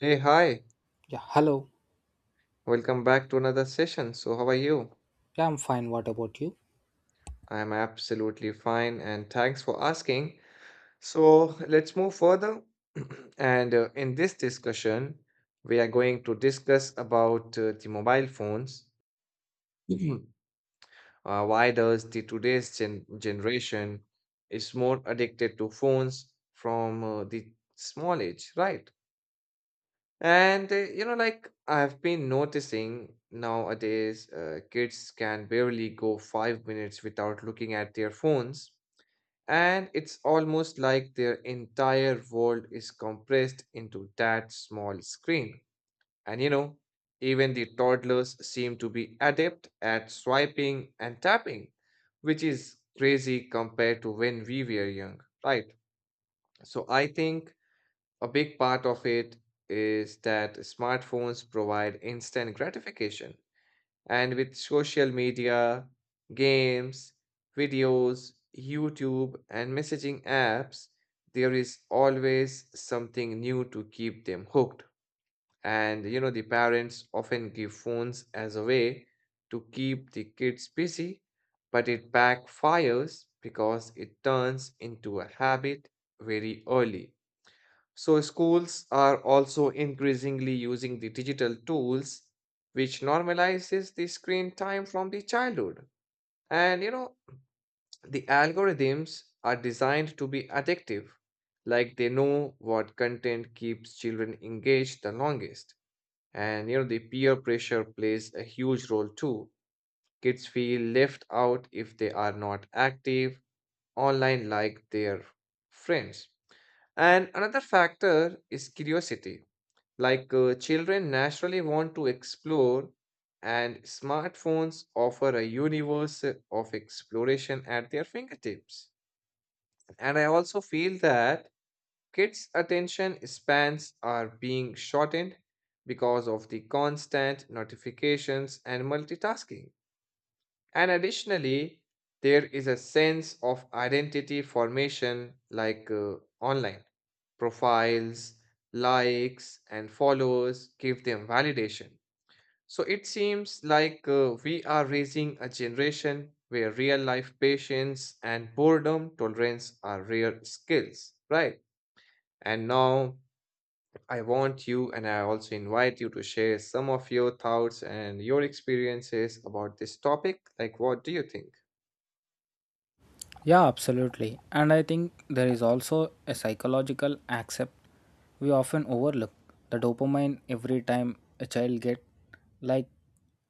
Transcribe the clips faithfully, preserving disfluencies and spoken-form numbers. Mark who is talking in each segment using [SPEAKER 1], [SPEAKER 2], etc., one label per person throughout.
[SPEAKER 1] Hey, hi.
[SPEAKER 2] Yeah, hello.
[SPEAKER 1] Welcome back to another session. So, how are you?
[SPEAKER 2] Yeah, I'm fine. What about you?
[SPEAKER 1] I'm absolutely fine and thanks for asking. So, let's move further. And uh, In this discussion, we are going to discuss about uh, the mobile phones. Mhm. Uh, why does the today's gen generation is more addicted to phones from uh, the small age, right? And, uh, you know, like I've been noticing nowadays, uh, kids can barely go five minutes without looking at their phones. And it's almost like their entire world is compressed into that small screen. And, you know, Even the toddlers seem to be adept at swiping and tapping, which is crazy compared to when we were young, right? So I think a big part of it is that smartphones provide instant gratification. And with social media, games, videos, YouTube, and messaging apps, there is always something new to keep them hooked. And you know, the parents often give phones as a way to keep the kids busy, but it backfires because it turns into a habit very early. So, schools are also increasingly using the digital tools, which normalizes the screen time from the childhood. And you know, the algorithms are designed to be addictive, like they know what content keeps children engaged the longest. And you know, the peer pressure plays a huge role too. Kids feel left out if they are not active online like their friends. And another factor is curiosity like uh, children naturally want to explore, and smartphones offer a universe of exploration at their fingertips. And I also feel that kids' attention spans are being shortened because of the constant notifications and multitasking. And additionally, there is a sense of identity formation like uh, online. Profiles, likes, and followers give them validation. So it seems like uh, we are raising a generation where real life patience and boredom tolerance are rare skills, right? And now I want you and I also invite you to share some of your thoughts and your experiences about this topic. Like, what do you think?
[SPEAKER 2] Yeah, absolutely. And I think there is also a psychological accept we often overlook. The dopamine every time a child get like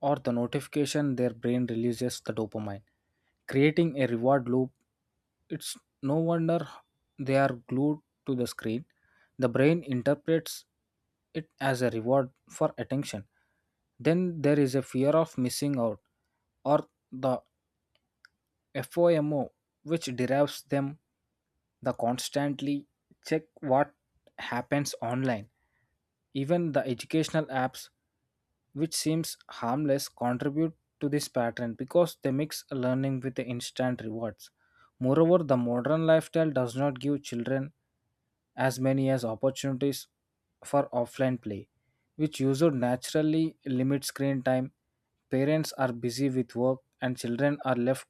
[SPEAKER 2] or the notification, their brain releases the dopamine, creating a reward loop. It's no wonder they are glued to the screen. The brain interprets it as a reward for attention. Then there is a fear of missing out, or the FOMO, which derives them the constantly check what happens online. Even the educational apps, which seems harmless, contribute to this pattern because they mix learning with the instant rewards. Moreover, the modern lifestyle does not give children as many as opportunities for offline play, which usually naturally limit screen time. Parents are busy with work, and children are left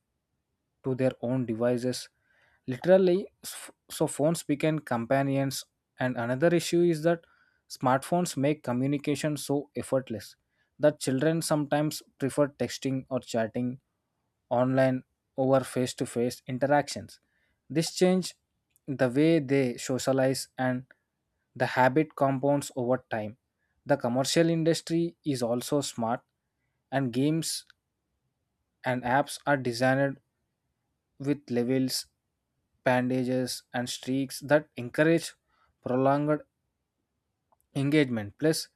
[SPEAKER 2] to their own devices. Literally, s- so phones became companions. And another issue is that smartphones make communication so effortless that children sometimes prefer texting or chatting online over face to face interactions. This change the way they socialize, and the habit compounds over time. The commercial industry is also smart, and games and apps are designed with levels, bandages, and streaks that encourage prolonged engagement. Plus,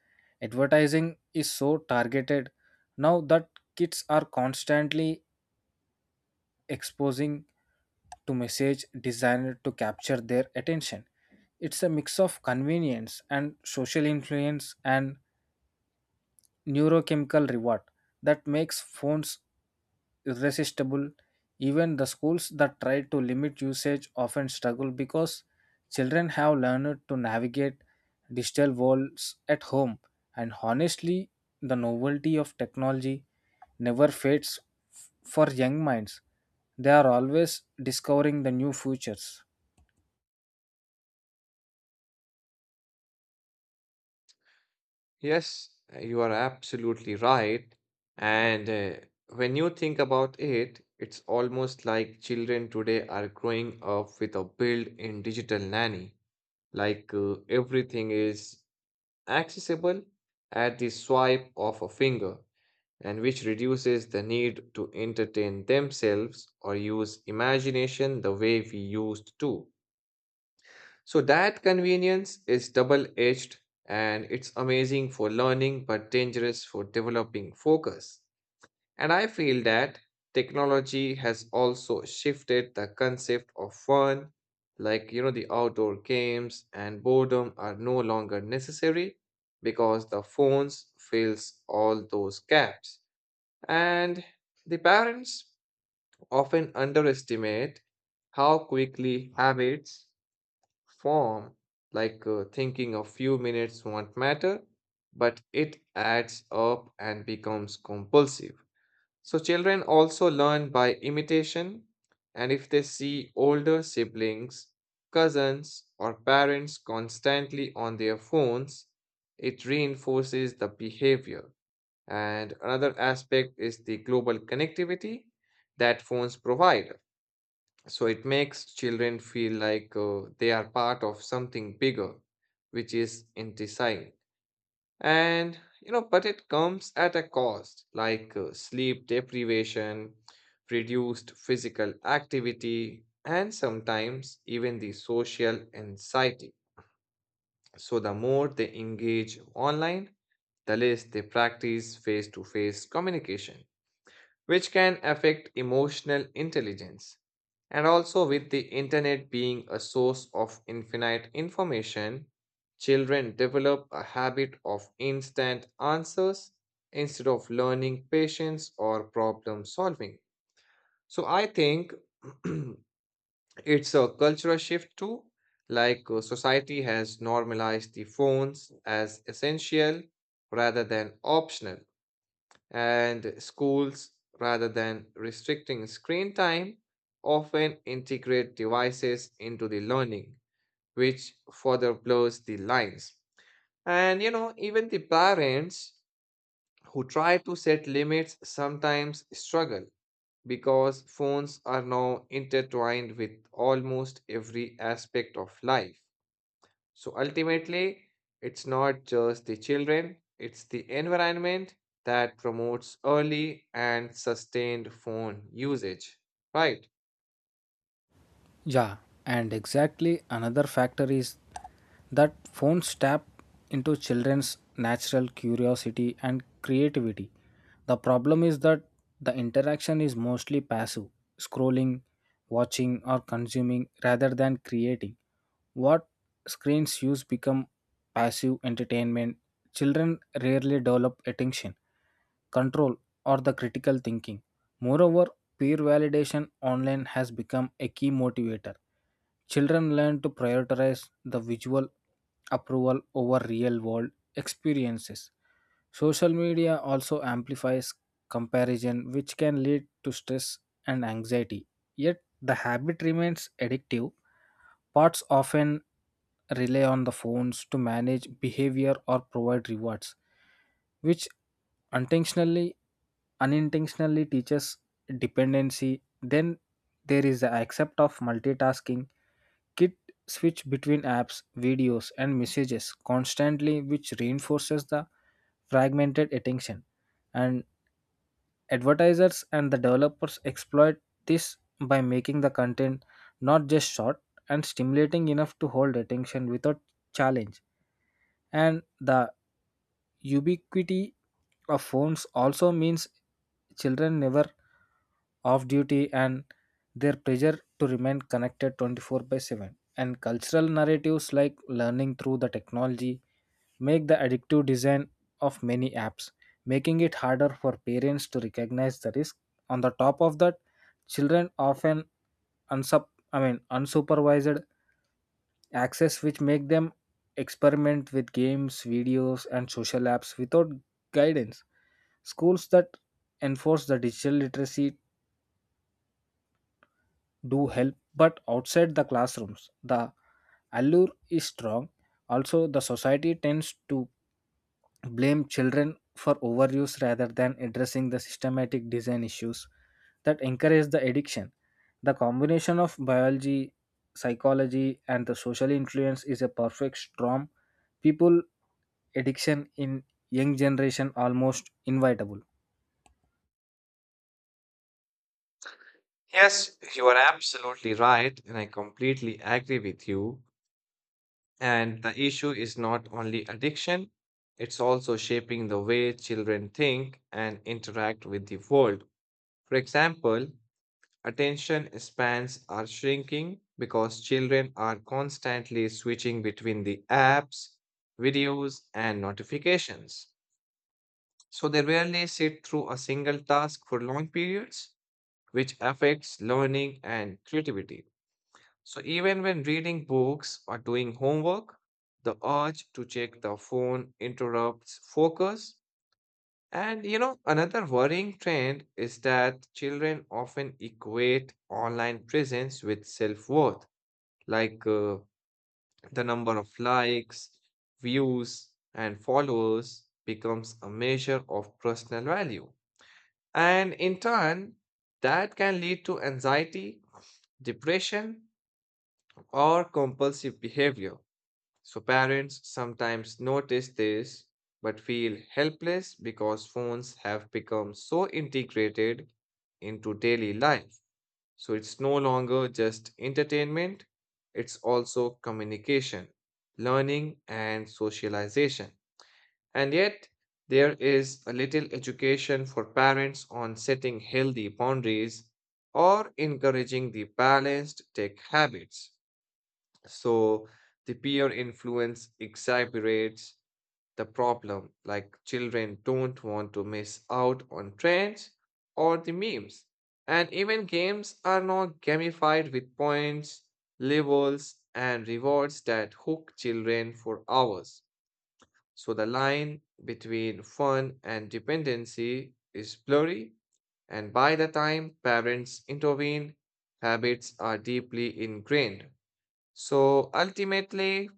[SPEAKER 2] advertising is so targeted now that kids are constantly exposing to message designed to capture their attention. It's a mix of convenience and social influence and neurochemical reward that makes phones irresistible. Even the schools that try to limit usage often struggle because children have learned to navigate digital worlds at home. And honestly, the novelty of technology never fades f- for young minds. They are always discovering the new futures.
[SPEAKER 1] Yes, you are absolutely right. And uh, When you think about it, it's almost like children today are growing up with a built-in digital nanny. Like uh, everything is accessible at the swipe of a finger, and which reduces the need to entertain themselves or use imagination the way we used to. So that convenience is double edged and it's amazing for learning but dangerous for developing focus. And I feel that technology has also shifted the concept of fun, like you know, the outdoor games and boredom are no longer necessary because the phones fills all those gaps. And the parents often underestimate how quickly habits form, like uh, thinking a few minutes won't matter, but it adds up and becomes compulsive. So, children also learn by imitation, and if they see older siblings, cousins, or parents constantly on their phones, it reinforces the behavior. And another aspect is the global connectivity that phones provide. So it makes children feel like uh, they are part of something bigger, which is intisai. And, you know, but it comes at a cost, like uh, sleep deprivation, reduced physical activity, and sometimes even the social anxiety. So the more they engage online, the less they practice face to face communication which can affect emotional intelligence. And also, with the internet being a source of infinite information, children develop a habit of instant answers instead of learning patience or problem solving. So, I think it's a cultural shift too. Like, uh, society has normalized the phones as essential rather than optional and schools, rather than restricting screen time, often integrate devices into the learning, which further blurs the lines. And you know, even the parents who try to set limits sometimes struggle because phones are now intertwined with almost every aspect of life. So ultimately, it's not just the children, it's the environment that promotes early and sustained phone usage. Right.
[SPEAKER 2] Yeah, and exactly, another factor is that phones tap into children's natural curiosity and creativity. The problem is that the interaction is mostly passive: scrolling, watching, or consuming rather than creating. What screens use become passive entertainment, children rarely develop attention control or the critical thinking. Moreover, peer validation online has become a key motivator. Children learn to prioritize the visual approval over real world experiences. Social media also amplifies comparison, which can lead to stress and anxiety. Yet, the habit remains addictive. Parts often rely on the phones to manage behavior or provide rewards, which intentionally unintentionally teaches dependency. Then there is the accept of multitasking. Kit switch between apps, videos, and messages constantly, which reinforces the fragmented attention. And advertisers and the developers exploit this by making the content not just short and stimulating enough to hold attention without challenge. And the ubiquity of phones also means children never off duty, and their pressure to remain connected twenty four by seven, and cultural narratives like learning through the technology make the addictive design of many apps, making it harder for parents to recognize the risk. On the top of that, children often unsup- I mean, unsupervised access, which make them experiment with games, videos, and social apps without guidance. Schools that enforce the digital literacy do help, but outside the classrooms the allure is strong. Also, the society tends to blame children for overuse rather than addressing the systematic design issues that encourage the addiction. The combination of biology, psychology, and the social influence is a perfect storm. People addiction in young generation almost inevitable.
[SPEAKER 1] Yes, you are absolutely right, and I completely agree with you. And the issue is not only addiction, it's also shaping the way children think and interact with the world. For example, attention spans are shrinking because children are constantly switching between the apps, videos, and notifications. So they rarely sit through a single task for long periods, which affects learning and creativity. So even when reading books or doing homework, the urge to check the phone interrupts focus and you know, another worrying trend is that children often equate online presence with self-worth, like uh, the number of likes, views, and followers becomes a measure of personal value. And in turn, that can lead to anxiety, depression, or compulsive behavior. So parents sometimes notice this but feel helpless because phones have become so integrated into daily life. So it's no longer just entertainment, it's also communication, learning, and socialization. And yet, there is a little education for parents on setting healthy boundaries or encouraging the balanced tech habits. So the peer influence exacerbates the problem, like children don't want to miss out on trends or the memes. And even games are now gamified with points, levels, and rewards that hook children for hours. So the line between fun and dependency is blurry, and by the time parents intervene, habits are deeply ingrained. So ultimately,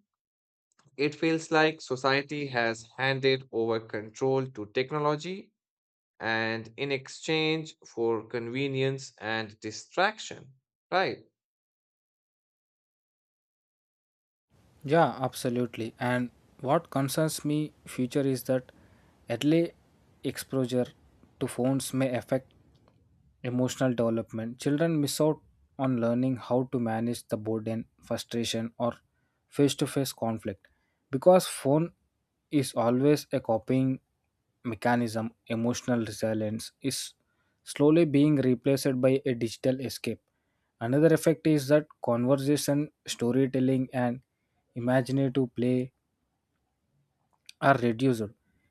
[SPEAKER 1] it feels like society has handed over control to technology and in exchange for convenience and distraction. Right.
[SPEAKER 2] Yeah, absolutely. And what concerns me future is that early exposure to phones may affect emotional development. Children miss out on learning how to manage the burden, frustration, or face to face conflict because phone is always a copying mechanism. Emotional resilience is slowly being replaced by a digital escape. Another effect is that conversation, storytelling, and imaginative play are reduced,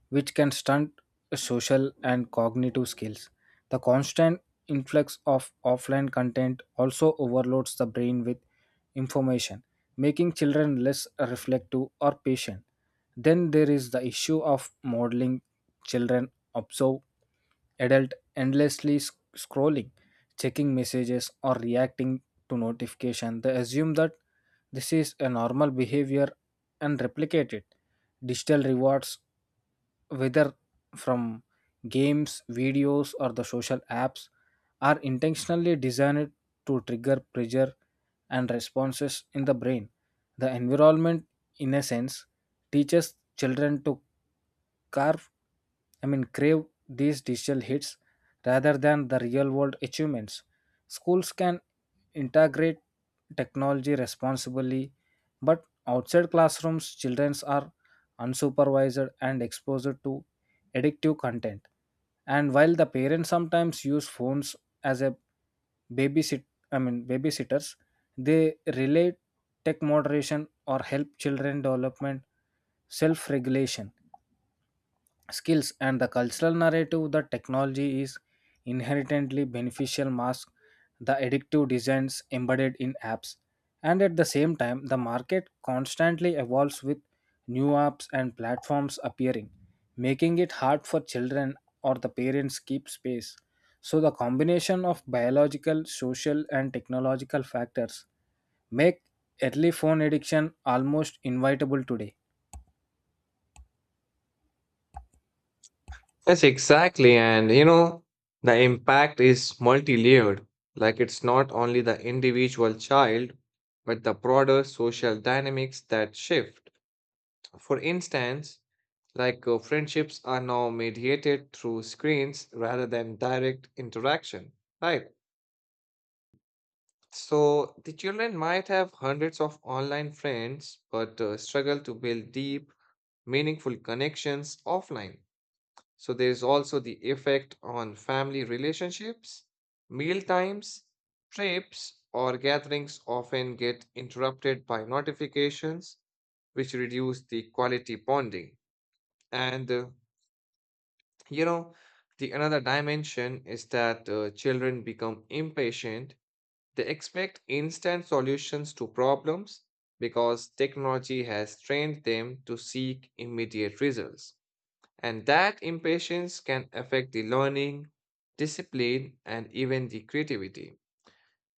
[SPEAKER 2] which can stunt social and cognitive skills. The constant influx of offline content also overloads the brain with information, making children less reflective or patient. Then there is the issue of modeling. Children observe adult endlessly sc- scrolling, checking messages, or reacting to notification. They assume that this is a normal behavior and replicate it. Digital rewards, whether from games, videos, or the social apps, are intentionally designed to trigger pressure and responses in the brain. The environment, in a sense, teaches children to carve, I mean, crave these digital hits rather than the real world achievements. Schools can integrate technology responsibly, but outside classrooms, children are unsupervised and exposed to addictive content. And while the parents sometimes use phones as a babysit I mean babysitters, they relate tech moderation or help children development self-regulation skills. And the cultural narrative that technology is inherently beneficial mask the addictive designs embedded in apps. And at the same time, the market constantly evolves with new apps and platforms appearing, making it hard for children or the parents keep space. So the combination of biological, social, and technological factors make early phone addiction almost inevitable today.
[SPEAKER 1] Yes, exactly. And you know, the impact is multi layered. Like it's not only the individual child, but the broader social dynamics that shift. For instance, like uh, friendships are now mediated through screens rather than direct interaction. Right. So the children might have hundreds of online friends, but uh, struggle to build deep, meaningful connections offline. So there is also the effect on family relationships. Meal times, trips, or gatherings often get interrupted by notifications, which reduce the quality bonding. And uh, you know, the another dimension is that uh, children become impatient they expect instant solutions to problems because technology has trained them to seek immediate results. And that impatience can affect the learning, discipline, and even the creativity.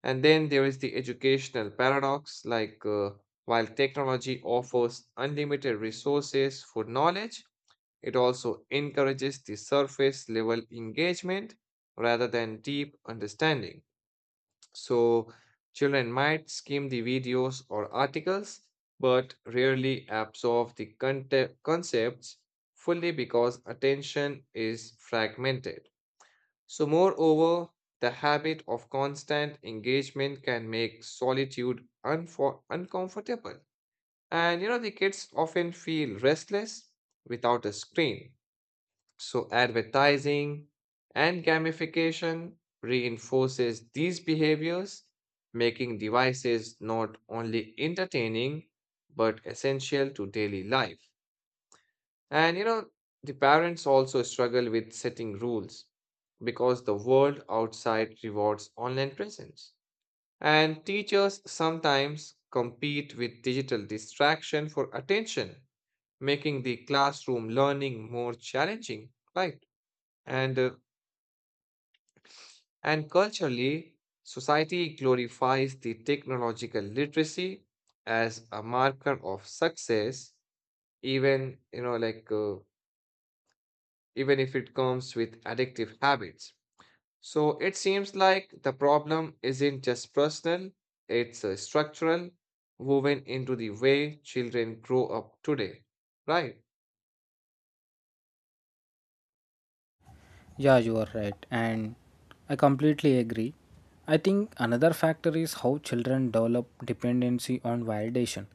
[SPEAKER 1] And then there is the educational paradox like uh, while technology offers unlimited resources for knowledge, it also encourages the surface level engagement rather than deep understanding. So children might skim the videos or articles, but rarely absorb the conte- concepts fully because attention is fragmented. So, moreover, the habit of constant engagement can make solitude unfor- uncomfortable. And you know, the kids often feel restless without a screen. So advertising and gamification reinforces these behaviors, making devices not only entertaining but essential to daily life. And you know, the parents also struggle with setting rules because the world outside rewards online presence. And teachers sometimes compete with digital distraction for attention, making the classroom learning more challenging, right? And uh, And culturally, society glorifies the technological literacy as a marker of success, even you know, like uh, even if it comes with addictive habits. So it seems like the problem isn't just personal; it's uh, structural, woven into the way children grow up today, right?
[SPEAKER 2] Yeah, you are right, and I completely agree. I think another factor is how children develop dependency on validation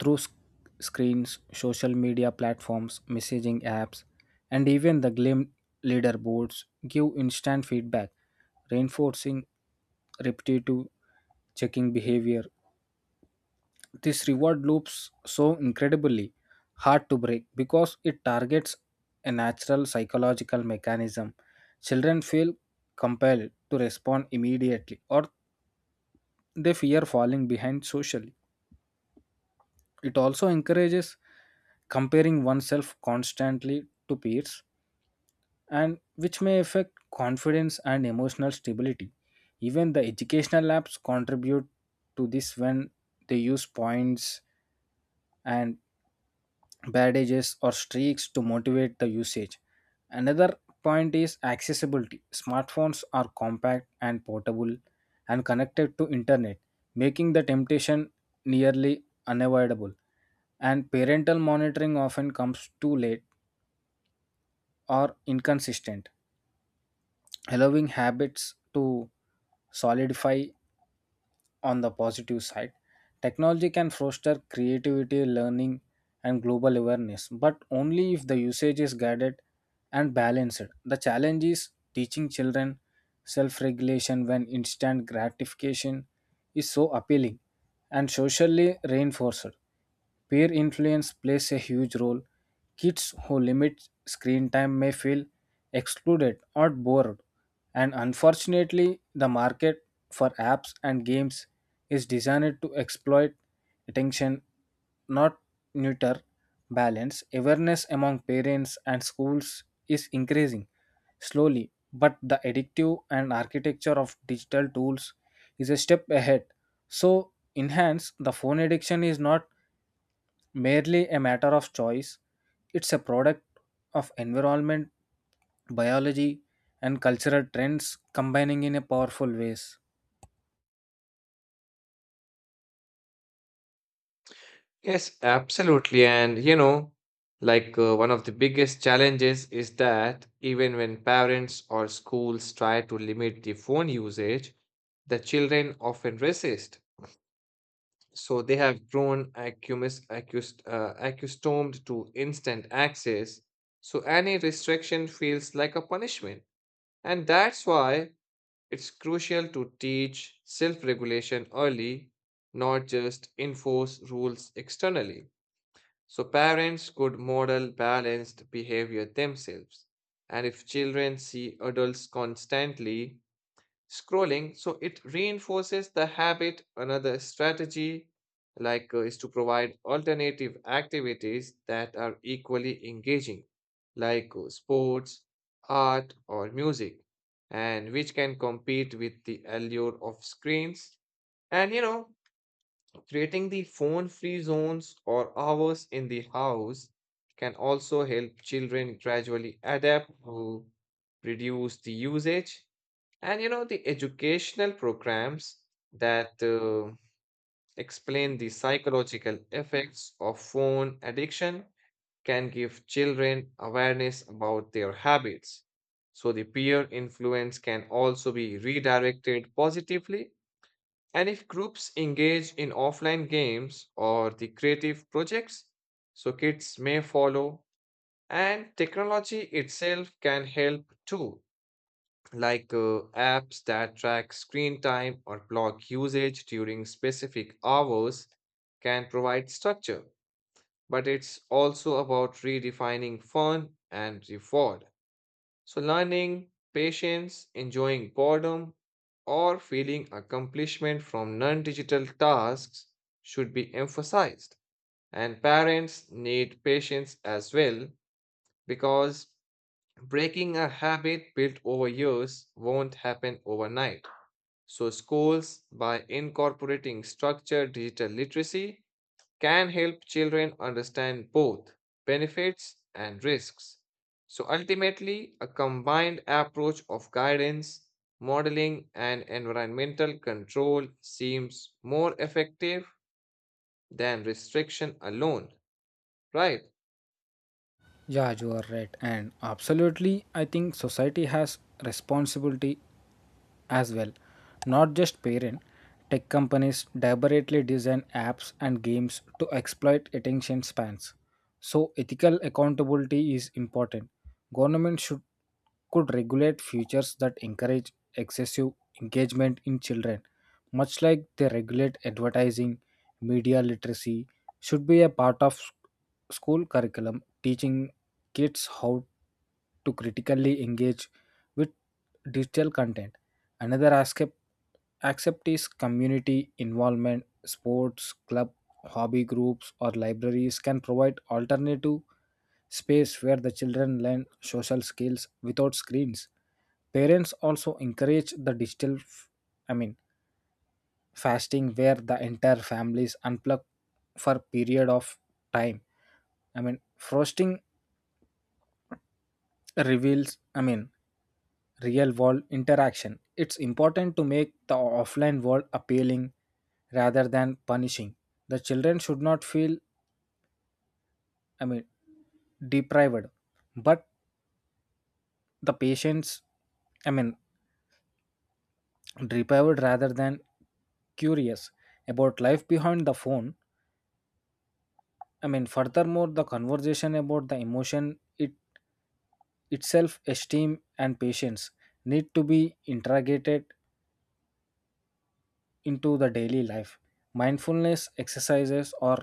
[SPEAKER 2] through sc- screens, social media platforms, messaging apps, and even the glim leaderboards give instant feedback, reinforcing repetitive checking behavior. This reward loops so incredibly hard to break because it targets a natural psychological mechanism. Children feel compelled to respond immediately, or they fear falling behind socially. It also encourages comparing oneself constantly to peers, and which may affect confidence and emotional stability. Even the educational apps contribute to this when they use points and bandages or streaks to motivate the usage. Another point is accessibility. Smartphones are compact and portable and connected to internet, making the temptation nearly unavoidable. And parental monitoring often comes too late or inconsistent, allowing habits to solidify. On the positive side, technology can foster creativity, learning, and global awareness, but only if the usage is guided and balanced. The challenge is teaching children self regulation when instant gratification is so appealing and socially reinforced. Peer influence plays a huge role. Kids who limit screen time may feel excluded or bored. And unfortunately, the market for apps and games is designed to exploit attention, not neuter balance. Awareness among parents and schools is increasing slowly, but the addictive and architecture of digital tools is a step ahead. So, enhance the phone addiction is not merely a matter of choice, it's a product of environment, biology, and cultural trends combining in a powerful ways.
[SPEAKER 1] Yes, absolutely. And you know, like uh, One of the biggest challenges is that even when parents or schools try to limit the phone usage, the children often resist. So they have grown accumis, accust, uh, accustomed to instant access. So any restriction feels like a punishment. And that's why it's crucial to teach self regulation early, not just enforce rules externally. So parents could model balanced behavior themselves. And if children see adults constantly scrolling, so it reinforces the habit. Another strategy like uh, is to provide alternative activities that are equally engaging, like uh, sports, art, or music, and which can compete with the allure of screens. And you know, Creating the phone-free zones or hours in the house can also help children gradually adapt to reduce the usage. And you know, the educational programs that uh, explain the psychological effects of phone addiction can give children awareness about their habits. So the peer influence can also be redirected positively and if groups engage in offline games or the creative projects, so kids may follow, and technology itself can help too, like uh, apps that track screen time or block usage during specific hours can provide structure. But it's also about redefining fun and reward. So, learning, patience, enjoying boredom, or feeling accomplishment from non digital tasks should be emphasized. And parents need patience as well because breaking a habit built over years won't happen overnight. So, schools, by incorporating structured digital literacy, can help children understand both benefits and risks. So ultimately, a combined approach of guidance, modeling, and environmental control seems more effective than restriction alone, right?
[SPEAKER 2] Yeah, you are right. And absolutely, I think society has responsibility as well. Not just parents. Tech companies deliberately design apps and games to exploit attention spans. So ethical accountability is important. Government should could regulate features that encourage excessive engagement in children, much like they regulate advertising. Media literacy should be a part of s- school curriculum, teaching kids how to critically engage with digital content. Another aspect accept is community involvement. Sports, club, hobby groups, or libraries can provide alternative space where the children learn social skills without screens. Parents also encourage the digital, f- I mean, fasting, where the entire families unplug for period of time. I mean, frosting reveals, I mean, real world interaction. It's important to make the offline world appealing rather than punishing. The children should not feel, I mean, deprived, but the patients, I mean, deprived rather than curious about life behind the phone. I mean, furthermore, the conversation about the emotion it itself esteem and patience need to be interrogated into the daily life. Mindfulness exercises or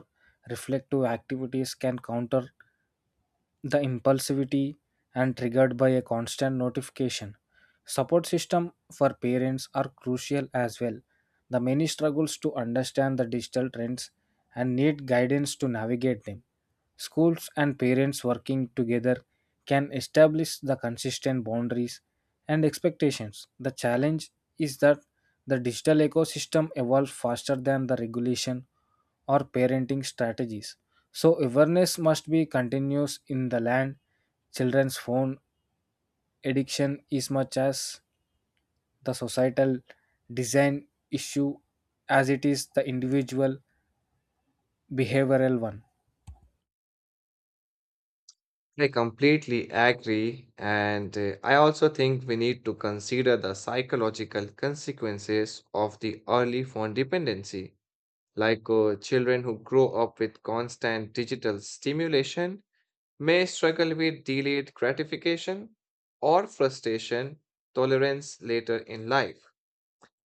[SPEAKER 2] reflective activities can counter the impulsivity and triggered by a constant notification. Support system for parents are crucial as well. The many struggles to understand the digital trends and need guidance to navigate them. Schools and parents working together can establish the consistent boundaries and expectations. The challenge is that the digital ecosystem evolves faster than the regulation or parenting strategies. So awareness must be continuous in the land. Children's phone addiction is much as the societal design issue as it is the individual behavioral one.
[SPEAKER 1] I completely agree, and uh, I also think we need to consider the psychological consequences of the early phone dependency like uh, children who grow up with constant digital stimulation may struggle with delayed gratification or frustration tolerance later in life.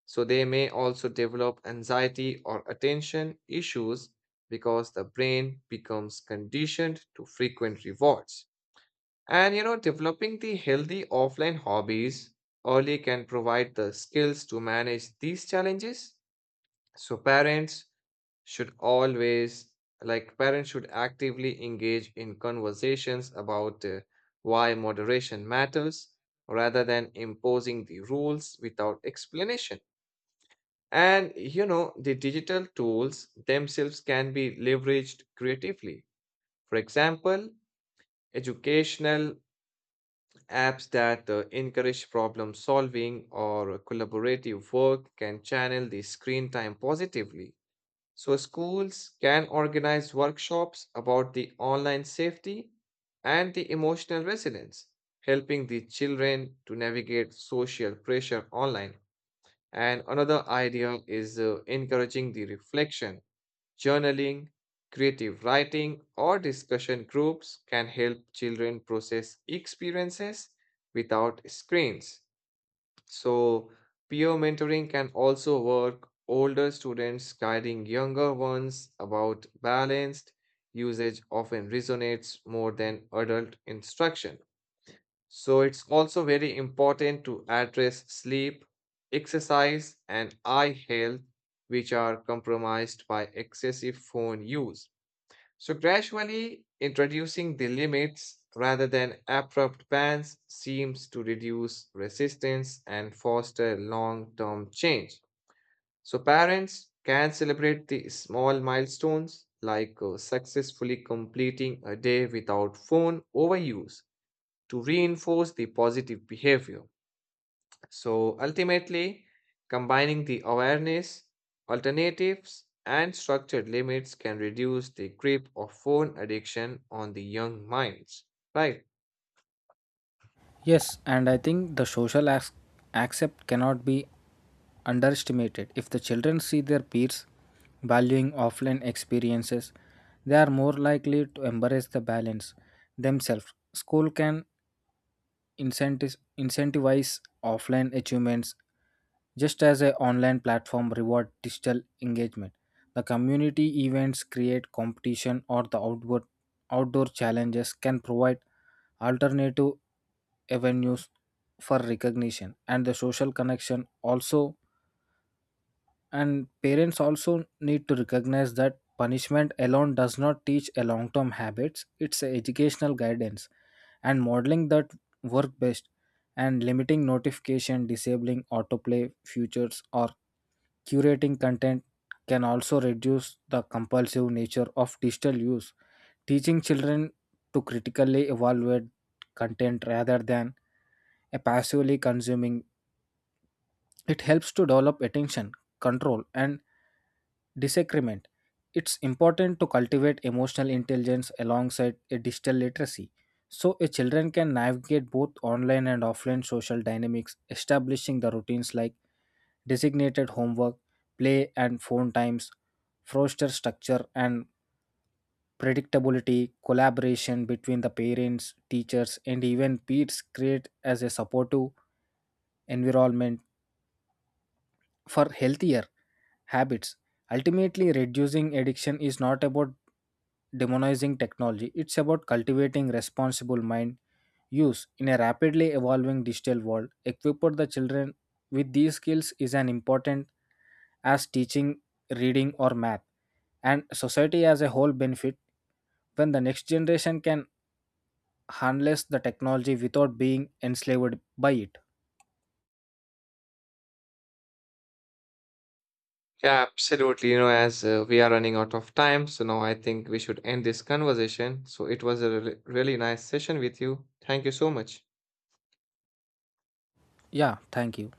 [SPEAKER 1] So, they may also develop anxiety or attention issues because the brain becomes conditioned to frequent rewards. And you know, developing the healthy offline hobbies early can provide the skills to manage these challenges so parents should always, like parents should actively engage in conversations about uh, why moderation matters rather than imposing the rules without explanation. And you know, the digital tools themselves can be leveraged creatively. For example, educational apps that uh, encourage problem solving or collaborative work can channel the screen time positively. So schools can organize workshops about the online safety and the emotional resilience, helping the children to navigate social pressure online. And another idea is uh, encouraging the reflection, journaling, creative writing, or discussion groups can help children process experiences without screens. So, peer mentoring can also work, older students guiding younger ones about balanced usage often resonates more than adult instruction. So, it's also very important to address sleep, exercise, and eye health, which are compromised by excessive phone use. So, gradually introducing the limits rather than abrupt bans seems to reduce resistance and foster long term change. So, parents can celebrate the small milestones like uh, successfully completing a day without phone overuse to reinforce the positive behavior. So ultimately, combining the awareness, alternatives, and structured limits can reduce the grip of phone addiction on the young minds. Right.
[SPEAKER 2] Yes, and I think the social ac- accept cannot be underestimated. If the children see their peers valuing offline experiences, they are more likely to embrace the balance themselves. School can incentives- incentivize offline achievements just as an online platform reward digital engagement. The community events create competition, or the outward, outdoor challenges can provide alternative avenues for recognition and the social connection also. And parents also need to recognize that punishment alone does not teach a long term habits, it's a educational guidance and modeling that work best. And limiting notification, disabling autoplay features, or curating content can also reduce the compulsive nature of digital use. Teaching children to critically evaluate content rather than a passively consuming it helps to develop attention, control, and disagreement. It's important to cultivate emotional intelligence alongside a digital literacy so a children can navigate both online and offline social dynamics. Establishing the routines like designated homework, play, and phone times, foster structure and predictability. Collaboration between the parents, teachers, and even peers create as a supportive environment for healthier habits. Ultimately, reducing addiction is not about demonizing technology, it's about cultivating responsible mind use in a rapidly evolving digital world. Equip the children with these skills is an important as teaching, reading, or math, and society as a whole benefit when the next generation can harness the technology without being enslaved by it.
[SPEAKER 1] Yeah, absolutely. You know, as uh, we are running out of time, so now I think we should end this conversation. So it was a really really nice session with you. Thank you so much.
[SPEAKER 2] Yeah, thank you.